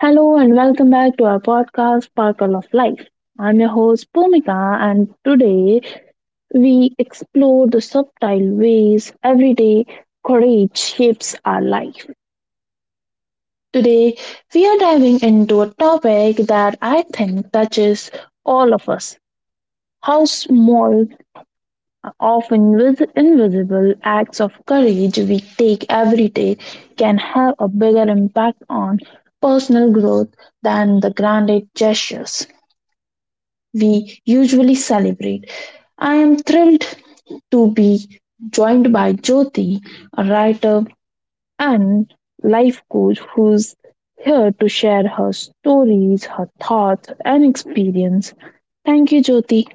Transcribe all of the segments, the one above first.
Hello and welcome back to our podcast, Sparkle of Life. I'm your host, Pumika, and today we explore the subtle ways everyday courage shapes our life. Today, we are diving into a topic that I think touches all of us: how small, often with invisible acts of courage we take every day can have a bigger impact on personal growth than the grand gestures. We usually celebrate. I am thrilled to be joined by Jyoti, a writer and life coach who's here to share her stories, her thoughts, and experience. Thank you, Jyoti.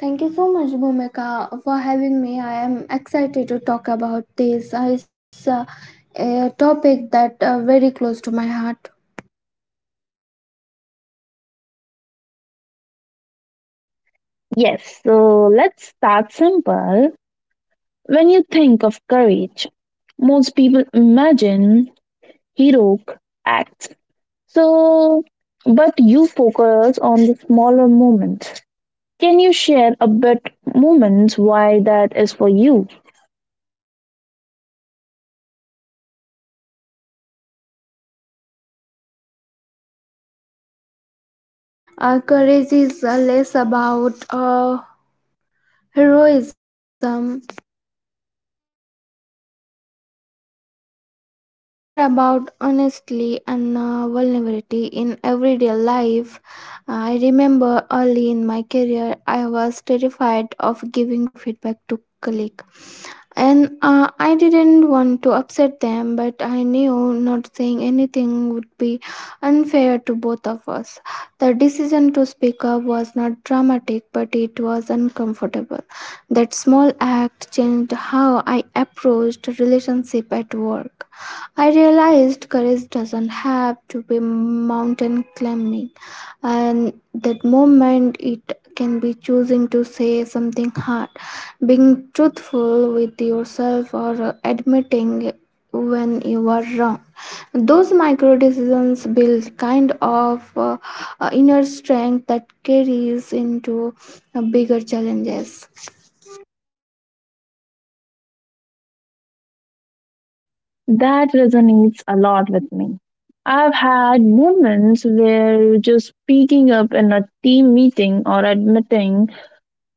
Thank you so much, Bhumika, for having me. I am excited to talk about this. It's a topic that very close to my heart. Yes, so let's start simple. When you think of courage, most people imagine heroic acts. So, but you focus on the smaller moments. Can you share a bit moments why that is for you? Absolutely, for me, courage is less about heroism and more about honesty and vulnerability in everyday life. I remember early in my career, I was terrified of giving feedback to colleagues and I didn't want to upset them, but I knew not saying anything would be unfair to both of us. The decision to speak up was not dramatic, but it was uncomfortable. That small act changed how I approached relationship at work. I realized courage doesn't have to be mountain climbing, and that moment it can be choosing to say something hard, being truthful with yourself or admitting when you are wrong. Those micro decisions build kind of inner strength that carries into bigger challenges. That resonates a lot with me. I've had moments where just speaking up in a team meeting or admitting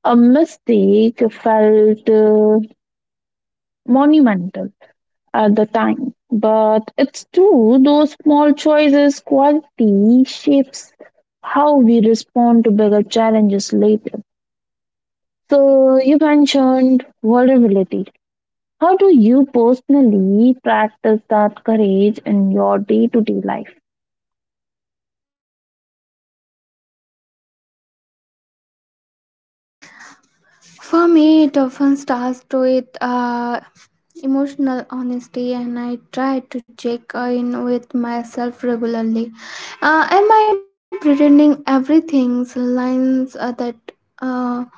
a mistake felt monumental at the time. But it's true, those small choices quality shapes how we respond to bigger challenges later. So you mentioned vulnerability. How do you personally practice that courage in your day to day life? For me, it often starts with emotional honesty, and I try to check in with myself regularly. Am I pretending everything's lines that? Uh,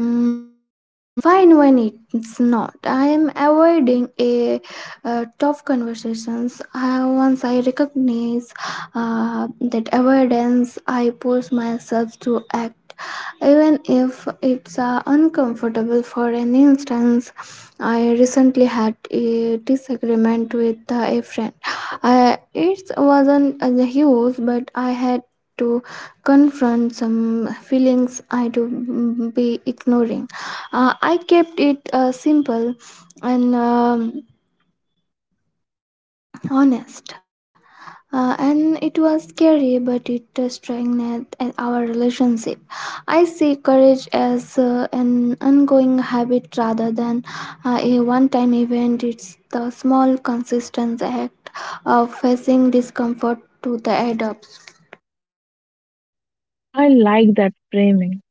Fine when it's not. I am avoiding a tough conversations. Once I recognize that avoidance, I force myself to act, even if it's uncomfortable. For an instance, I recently had a disagreement with a friend. It wasn't huge, but I had to confront some feelings I do be ignoring. I kept it simple and honest. And it was scary, but it strengthened at our relationship. I see courage as an ongoing habit rather than a one time event. It's the small, consistent act of facing discomfort to the adults. I like that framing,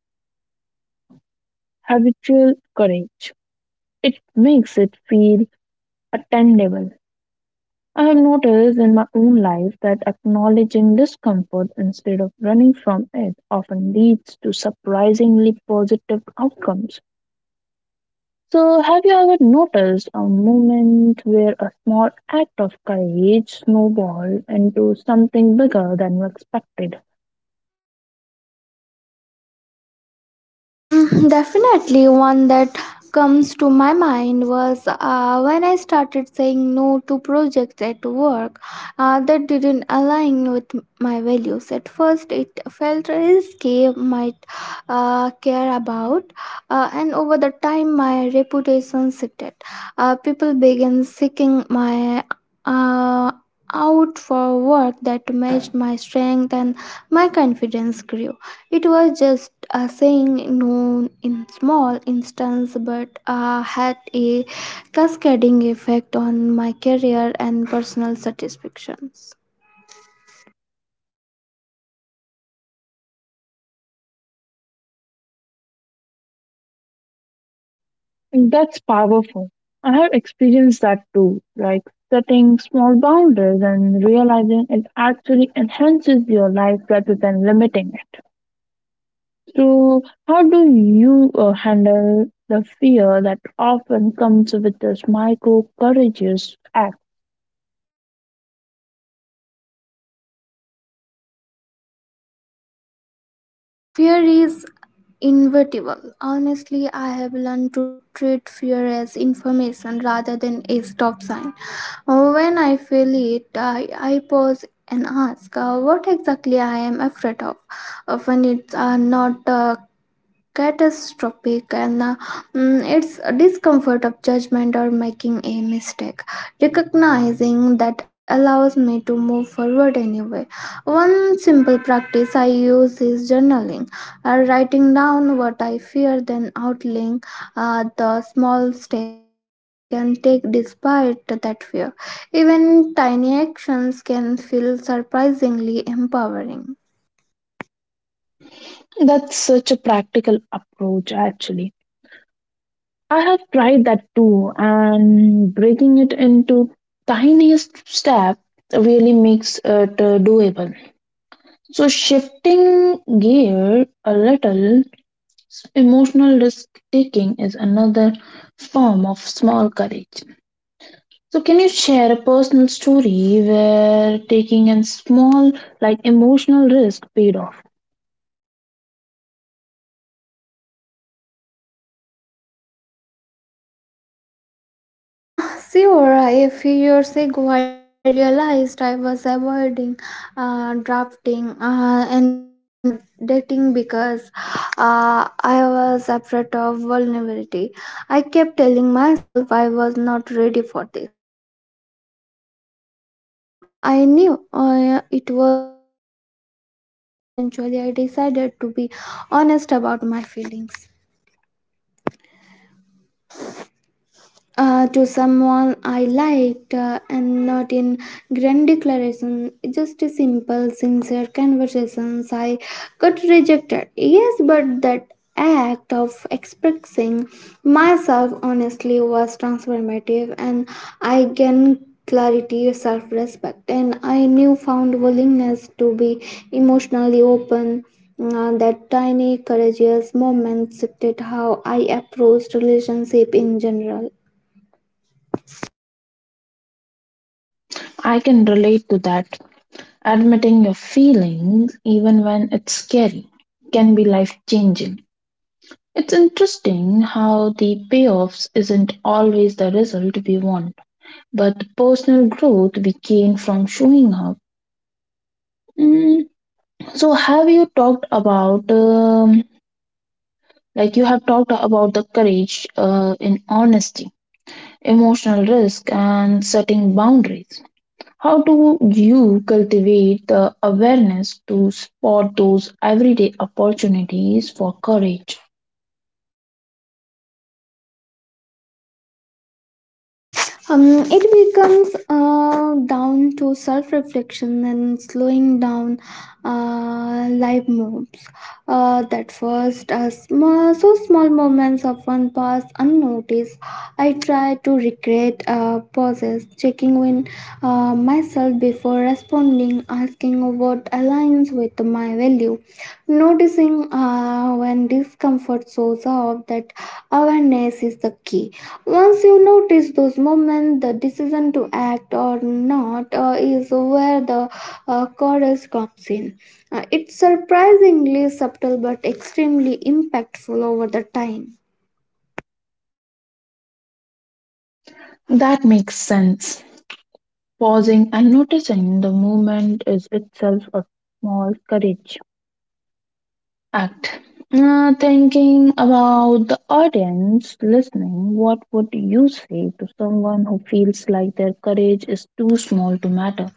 habitual courage. It makes it feel attainable. I have noticed in my own life that acknowledging discomfort instead of running from it often leads to surprisingly positive outcomes. So, have you ever noticed a moment where a small act of courage snowballed into something bigger than you expected? Definitely, one that comes to my mind was when I started saying no to projects at work that didn't align with my values. At first, it felt risky, might care about, and over the time, my reputation shifted. People began seeking my uh, out for work that matched my strength, and my confidence grew. It was just a saying known in small instance but had a cascading effect on my career and personal satisfactions. That's powerful. I have experienced that too, like setting small boundaries and realizing it actually enhances your life rather than limiting it. So, how do you handle the fear that often comes with this micro courageous act? Fear is inevitable. Honestly, I have learned to treat fear as information rather than a stop sign. When I feel it, I pause and ask what exactly I am afraid of. Often it's not catastrophic and it's a discomfort of judgment or making a mistake, recognizing that allows me to move forward anyway. One simple practice I use is journaling, writing down what I fear, then outlining the small step I can take despite that fear. Even tiny actions can feel surprisingly empowering. That's such a practical approach, actually. I have tried that too, and breaking it into tiniest step really makes it doable. So, shifting gear a little, emotional risk taking is another form of small courage. So, can you share a personal story where taking a small, like emotional risk paid off? Ah, sure. A few years ago, I realized I was avoiding drafting and dating because uh, I was afraid of vulnerability. I kept telling myself I was not ready for this. But deep down, I knew it was a fear of rejections. Eventually, I decided to be honest about my feelings, to someone I liked, and not in grand declaration, just a simple, sincere conversations. I got rejected. Yes, but that act of expressing myself honestly was transformative, and I gained clarity, self respect, and I newfound willingness to be emotionally open. That tiny courageous moment shifted how I approached relationship in general. I can relate to that. Admitting your feelings, even when it's scary, can be life changing. It's interesting how the payoffs isn't always the result we want. But the personal growth we gain from showing up. Mm, so, have you talked about, like, you have talked about the courage in honesty, emotional risk, and setting boundaries? How do you cultivate the awareness to spot those everyday opportunities for courage? Um, it becomes down to self reflection and slowing down life moves. That first, small moments often pass unnoticed. I try to recreate pauses, checking in myself before responding, asking what aligns with my value, noticing when discomfort shows up. That awareness is the key. Once you notice those moments, the decision to act or not is where the courage comes in. It's surprisingly subtle but extremely impactful over the time. That makes sense. Pausing and noticing the movement is itself a small courage. Act. Thinking about the audience listening, what would you say to someone who feels like their courage is too small to matter?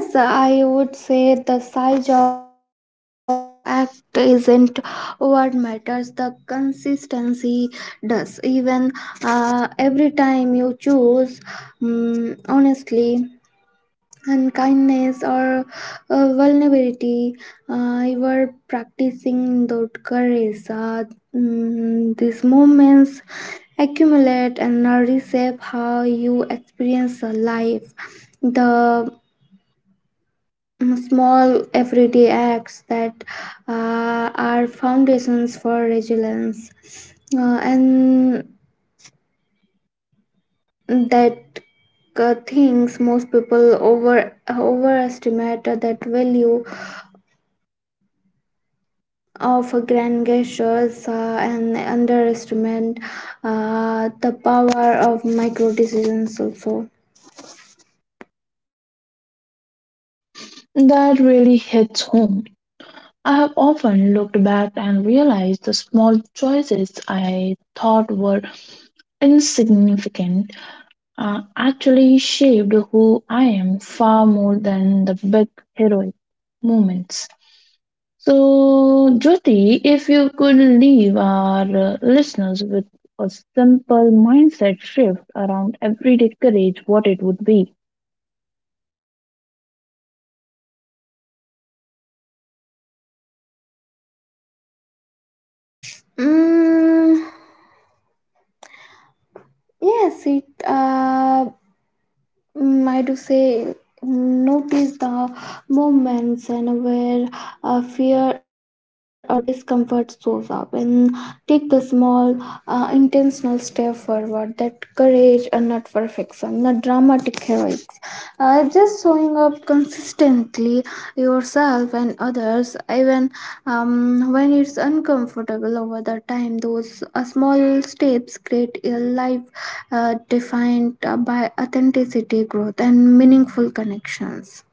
Yes, I would say the size of the act isn't what matters, the consistency does. Even every time you choose, honestly, and kindness or vulnerability. You were practicing that courage. These moments accumulate and reshape how you experience life. The small everyday acts that are foundations for resilience, and that things most people overestimate that value of grand gestures and underestimate the power of micro decisions also. That really hits home. I have often looked back and realized the small choices I thought were insignificant actually shaped who I am far more than the big heroic moments. So, Jyoti, if you could leave our listeners with a simple mindset shift around everyday courage, what it would be. Mm, yes, it I do say notice the moments and where fear or discomfort shows up, and take the small intentional step forward. That courage and not perfection, not dramatic heroics, just showing up consistently yourself and others even when it's uncomfortable. Over the time, those small steps create a life defined by authenticity, growth, and meaningful connections.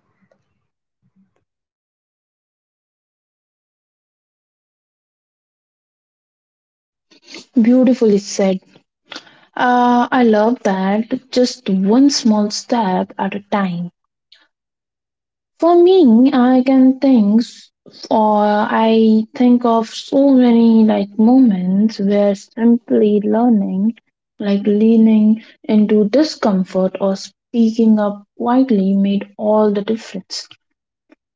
Beautifully said. I love that. Just one small step at a time. For me, I can think, s- or I think of so many like moments where simply learning, like leaning into discomfort or speaking up quietly, made all the difference.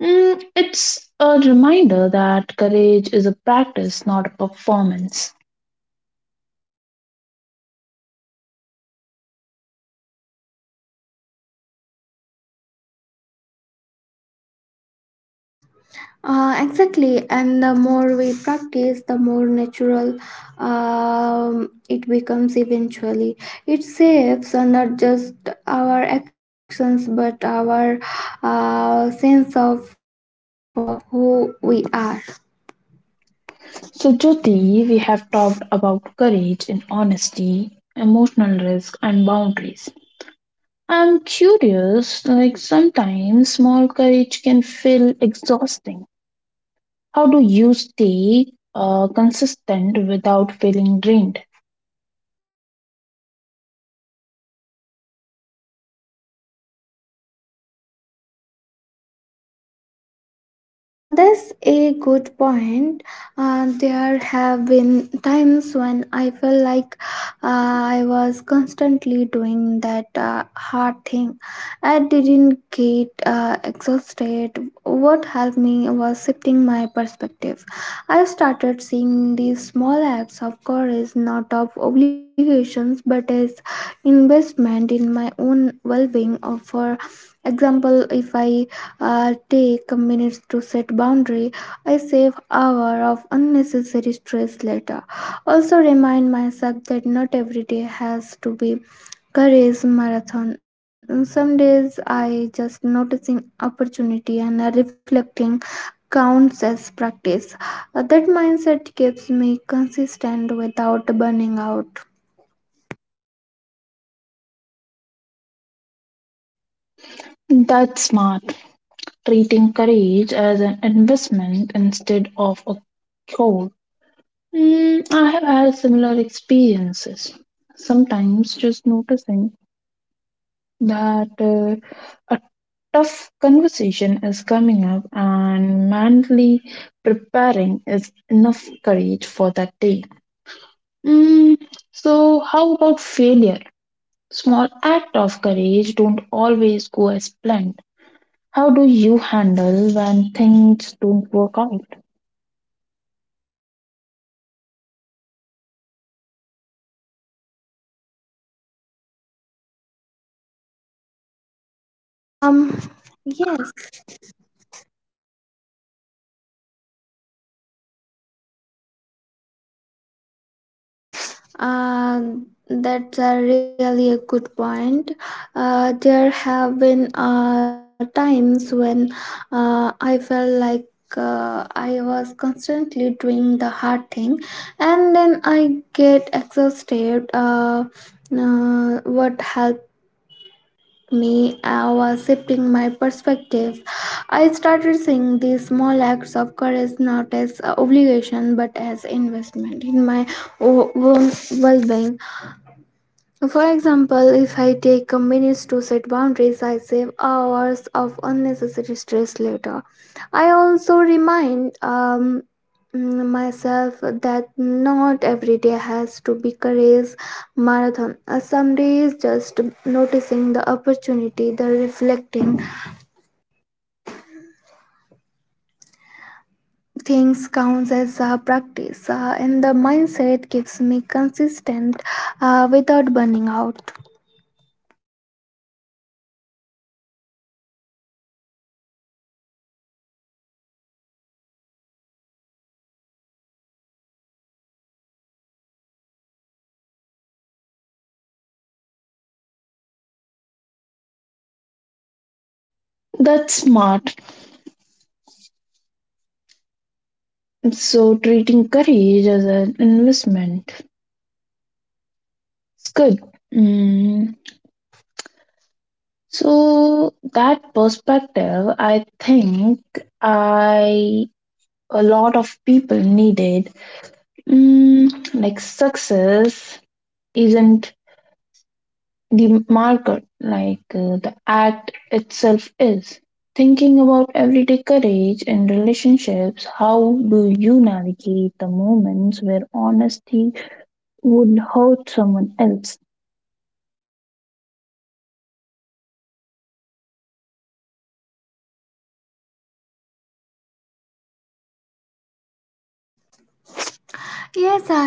Mm, it's a reminder that courage is a practice, not a performance. Exactly, and the more we practice, the more natural it becomes eventually. It saves not just our actions but our sense of who we are. So, Jyoti, we have talked about courage and honesty, emotional risk, and boundaries. I'm curious, like sometimes small courage can feel exhausting. How do you stay consistent without feeling drained? That's a good point. There have been times when I felt like uh, I was constantly doing that hard thing. I didn't get exhausted. What helped me was shifting my perspective. I started seeing these small acts of courage not of obligations but as investment in my own well being. For example, if I'll take minutes to set boundary. I save hour of unnecessary stress later. Also remind myself that not every day has to be courage marathon. Some days I just noticing opportunity and reflecting counts as practice. That mindset keeps me consistent without burning out. That's smart. Treating courage as an investment instead of a chore. Mm, I have had similar experiences. Sometimes just noticing that a tough conversation is coming up and mentally preparing is enough courage for that day. Mm, so, how about failure? Small act of courage don't always go as planned. How do you handle when things don't work out? Um yes. Uh, that's a really a good point. There have been times when I felt like I was constantly doing the hard thing, and then I get exhausted. What helped me was shifting my perspective. I started seeing these small acts of courage not as obligation but as investment in my own well-being. For example, if I take a minutes to set boundaries, I save hours of unnecessary stress later. I also remind myself that not every day has to be courage marathon. Some days, just noticing the opportunity, the reflecting things counts as a practice, and the mindset keeps me consistent without burning out. That's smart. So, treating courage as an investment is good. Mm, so that perspective, I think I a lot of people needed. Mm, like success isn't the marker, like the act itself is. Thinking about everyday courage in relationships, how do you navigate the moments where honesty would hurt someone else?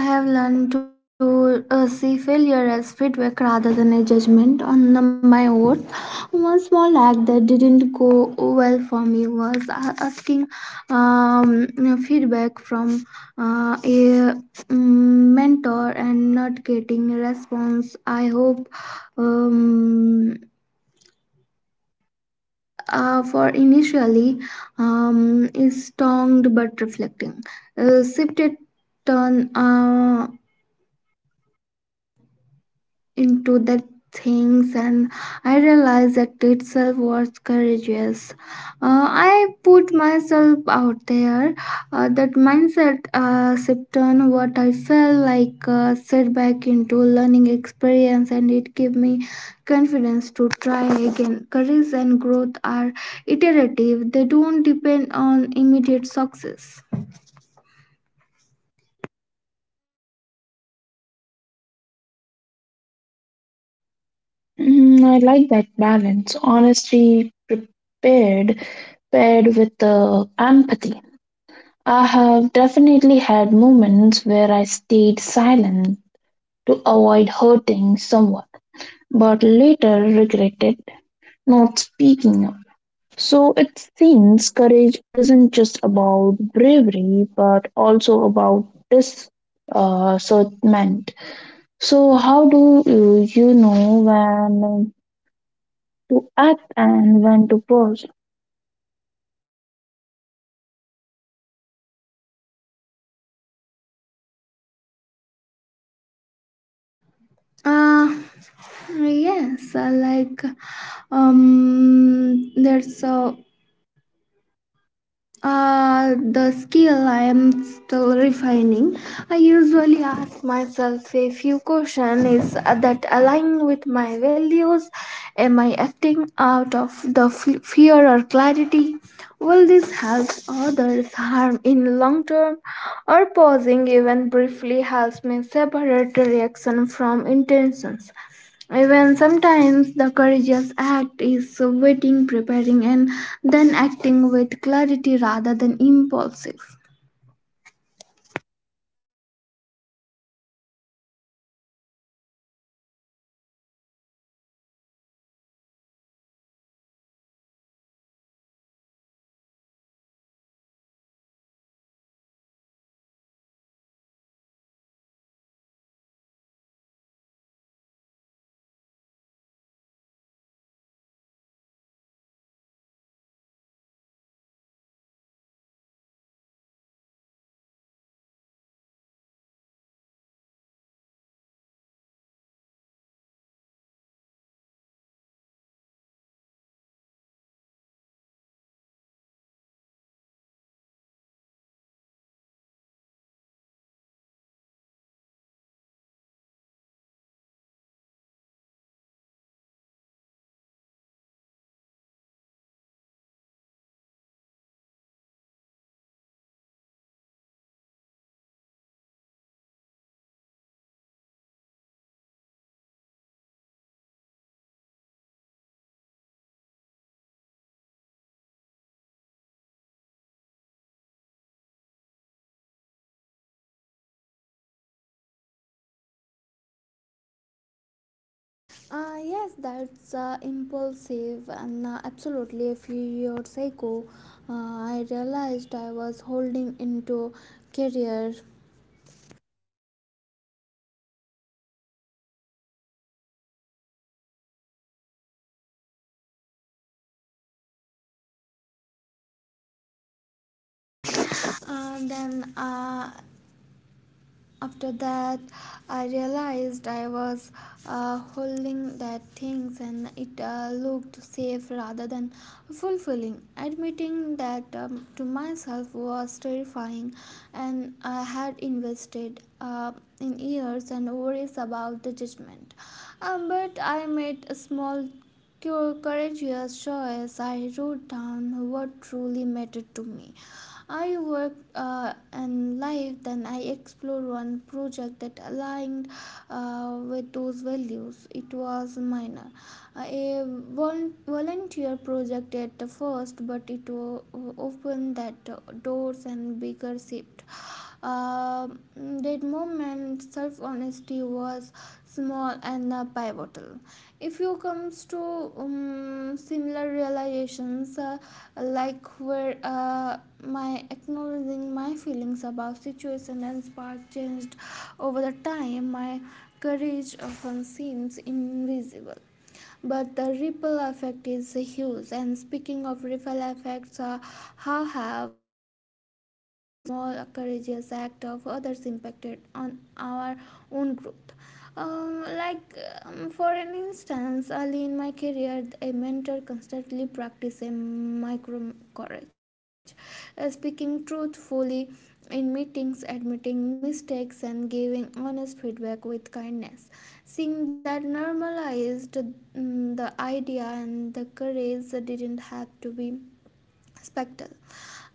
Yes, I have learned to see failure as feedback rather than a judgment on my worth. One small act that didn't go well for me was asking um, feedback from a mentor and not getting a response. I hope um, for initially is stoned but reflecting. Shifted turn into the things, and I realized that itself was courageous. I put myself out there. That mindset shift on what I felt like a setback into learning experience, and it gave me confidence to try again. Courage and growth are iterative. They don't depend on immediate success. Mm, I like that balance. Honesty prepared paired with the empathy. I have definitely had moments where I stayed silent to avoid hurting someone, but later regretted not speaking up. So it seems courage isn't just about bravery, but also about discernment. So how do you, you know when to act and when to pause? Uh, yes, I like that's so the skill I am still refining. I usually ask myself a few questions. Is that align with my values? Am I acting out of the fear or clarity? Will this help others harm in long term? Or pausing even briefly helps me separate reaction from intentions. Even sometimes the courageous act is waiting, preparing, and then acting with clarity rather than impulsive. So, uh, like, uh, mm, that's the great point. Like, courage doesn't always mean immediate action. In fact, seems like a quiet but very powerful form of it. So, let's talk about self courage. Yes, that's impulsive and absolutely. A few years ago, I realized I was holding into career. Then After that, I realized I was holding that things, and it looked safe rather than fulfilling. Admitting that to myself was terrifying, and I had invested in years and worries about the judgment. But I made a small courageous choice. I wrote down what truly mattered to me. I worked and life, then I explored one project that aligned with those values. It was minor, a volunteer project at the first, but it opened that doors and bigger shift. Uh, that moment, self honesty was small and pivotal. If you comes to similar realizations, like where my acknowledging my feelings about situation and spark changed over the time. My courage often seems invisible but the ripple effect is huge. And speaking of ripple effects, how have the small courageous act of others impacted on our own growth? Um, like for an instance, early in my career, a mentor constantly practiced a micro courage, speaking truthfully in meetings, admitting mistakes, and giving honest feedback with kindness. Seeing that normalized the idea and the courage didn't have to be spectral.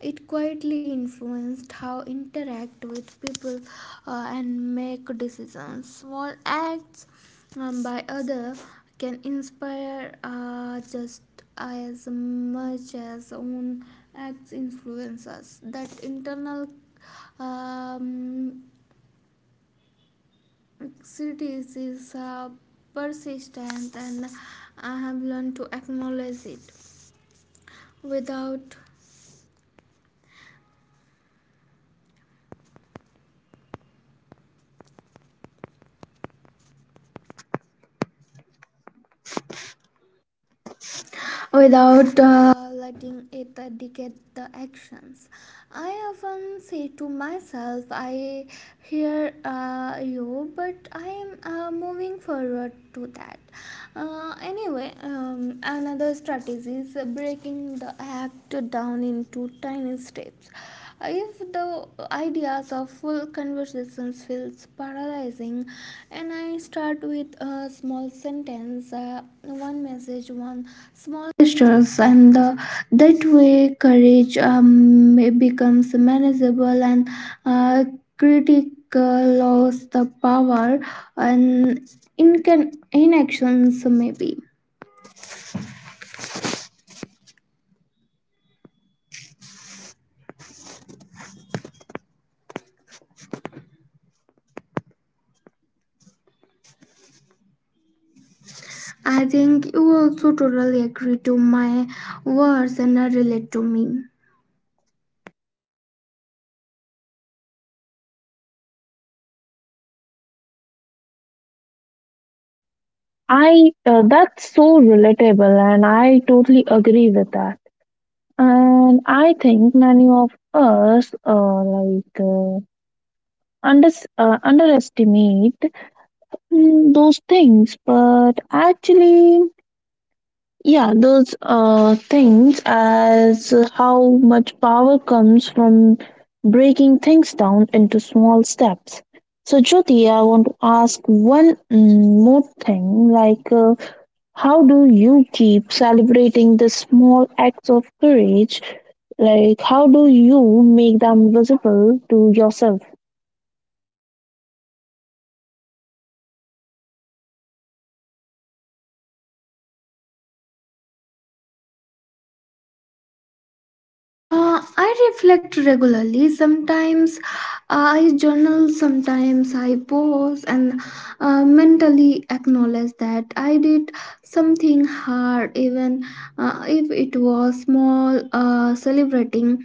It quietly influenced how interact with people and make decisions. Small acts by other can inspire just as much as own acts influence us. That internal um, cities is persistent, and I have learned to acknowledge it without without letting it dictate the actions. I often say to myself, I hear you, but I am moving forward to that. Anyway, another strategy is breaking the act down into tiny steps. If the ideas of full conversations feels paralyzing, and I start with a small sentence, one message, one small gestures, and that way courage may becomes manageable, and uh, critic lost the power and incan- inactions maybe. I think you also totally agree to my words and relate to me. I That's so relatable, and I totally agree with that. And I think many of us under underestimate those things, but actually, yeah, those things as how much power comes from breaking things down into small steps. So, Jyoti, I want to ask one more thing, like. How do you keep celebrating the small acts of courage? Like, how do you make them visible to yourself? I reflect regularly. Sometimes I journal, sometimes I pause and mentally acknowledge that I did something hard, even if it was small. Celebrating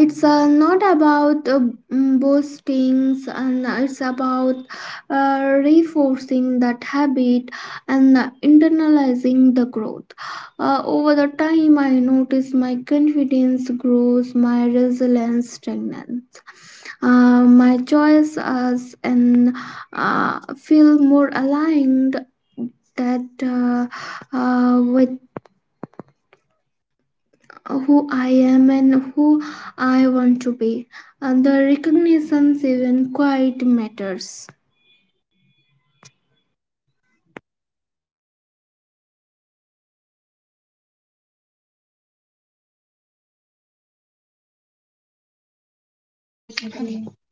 it's not about boastings, and it's about reinforcing that habit and internalizing the growth. Over the time, I notice my confidence grows, my resilience strengthens, my choice as and feel more aligned that with who I am and who I want to be. And the recognition even quite matters.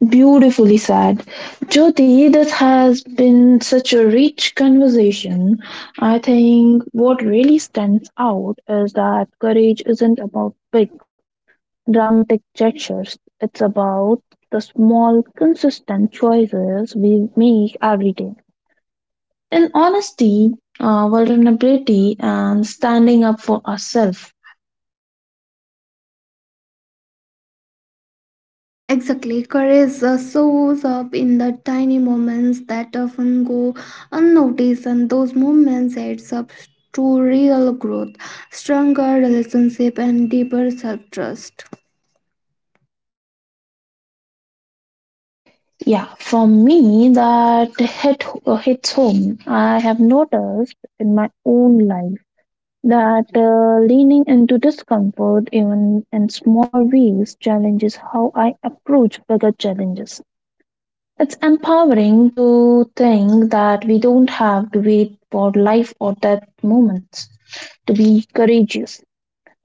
Beautifully said. Jyoti, this has been such a rich conversation. I think what really stands out is that courage isn't about big, dramatic gestures, it's about the small, consistent choices we make every day. In honesty, vulnerability, and standing up for ourselves. Exactly, courage shows up in the tiny moments that often go unnoticed, and those moments adds up to real growth, stronger relationship, and deeper self trust. Yeah, for me, that hits home. I have noticed in my own life that leaning into discomfort, even in small ways, challenges how I approach bigger challenges. It's empowering to think that we don't have to wait for life or death moments to be courageous.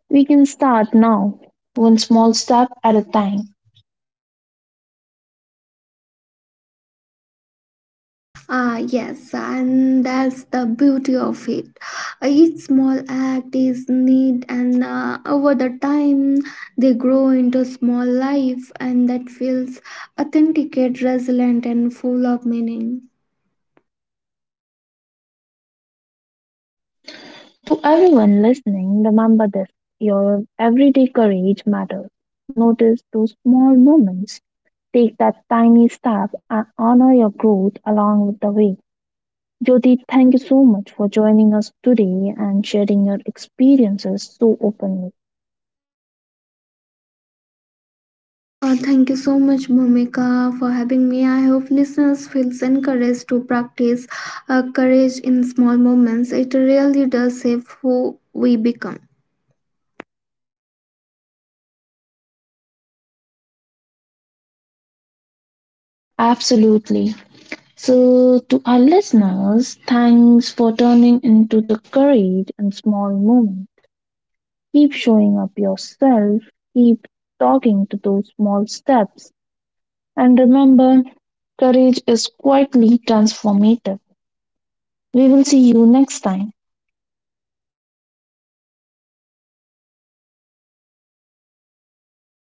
We can start now, one small step at a time. Ah, yes, and that's the beauty of it. Each small act is neat, and over the time, they grow into small life, and that feels authenticate, resilient, and full of meaning. To everyone listening, remember this your everyday courage matters. Notice those small moments, take that tiny step, and honor your growth along with the way. Jyoti, thank you so much for joining us today and sharing your experiences so openly. Thank you so much, Bhumika, for having me. I hope listeners feels encouraged to practice courage in small moments. It really does shape who we become. Absolutely. So, to our listeners, thanks for turning into the courage and small moments. Keep showing up yourself, keep talking to those small steps, and remember courage is quietly transformative. We will see you next time.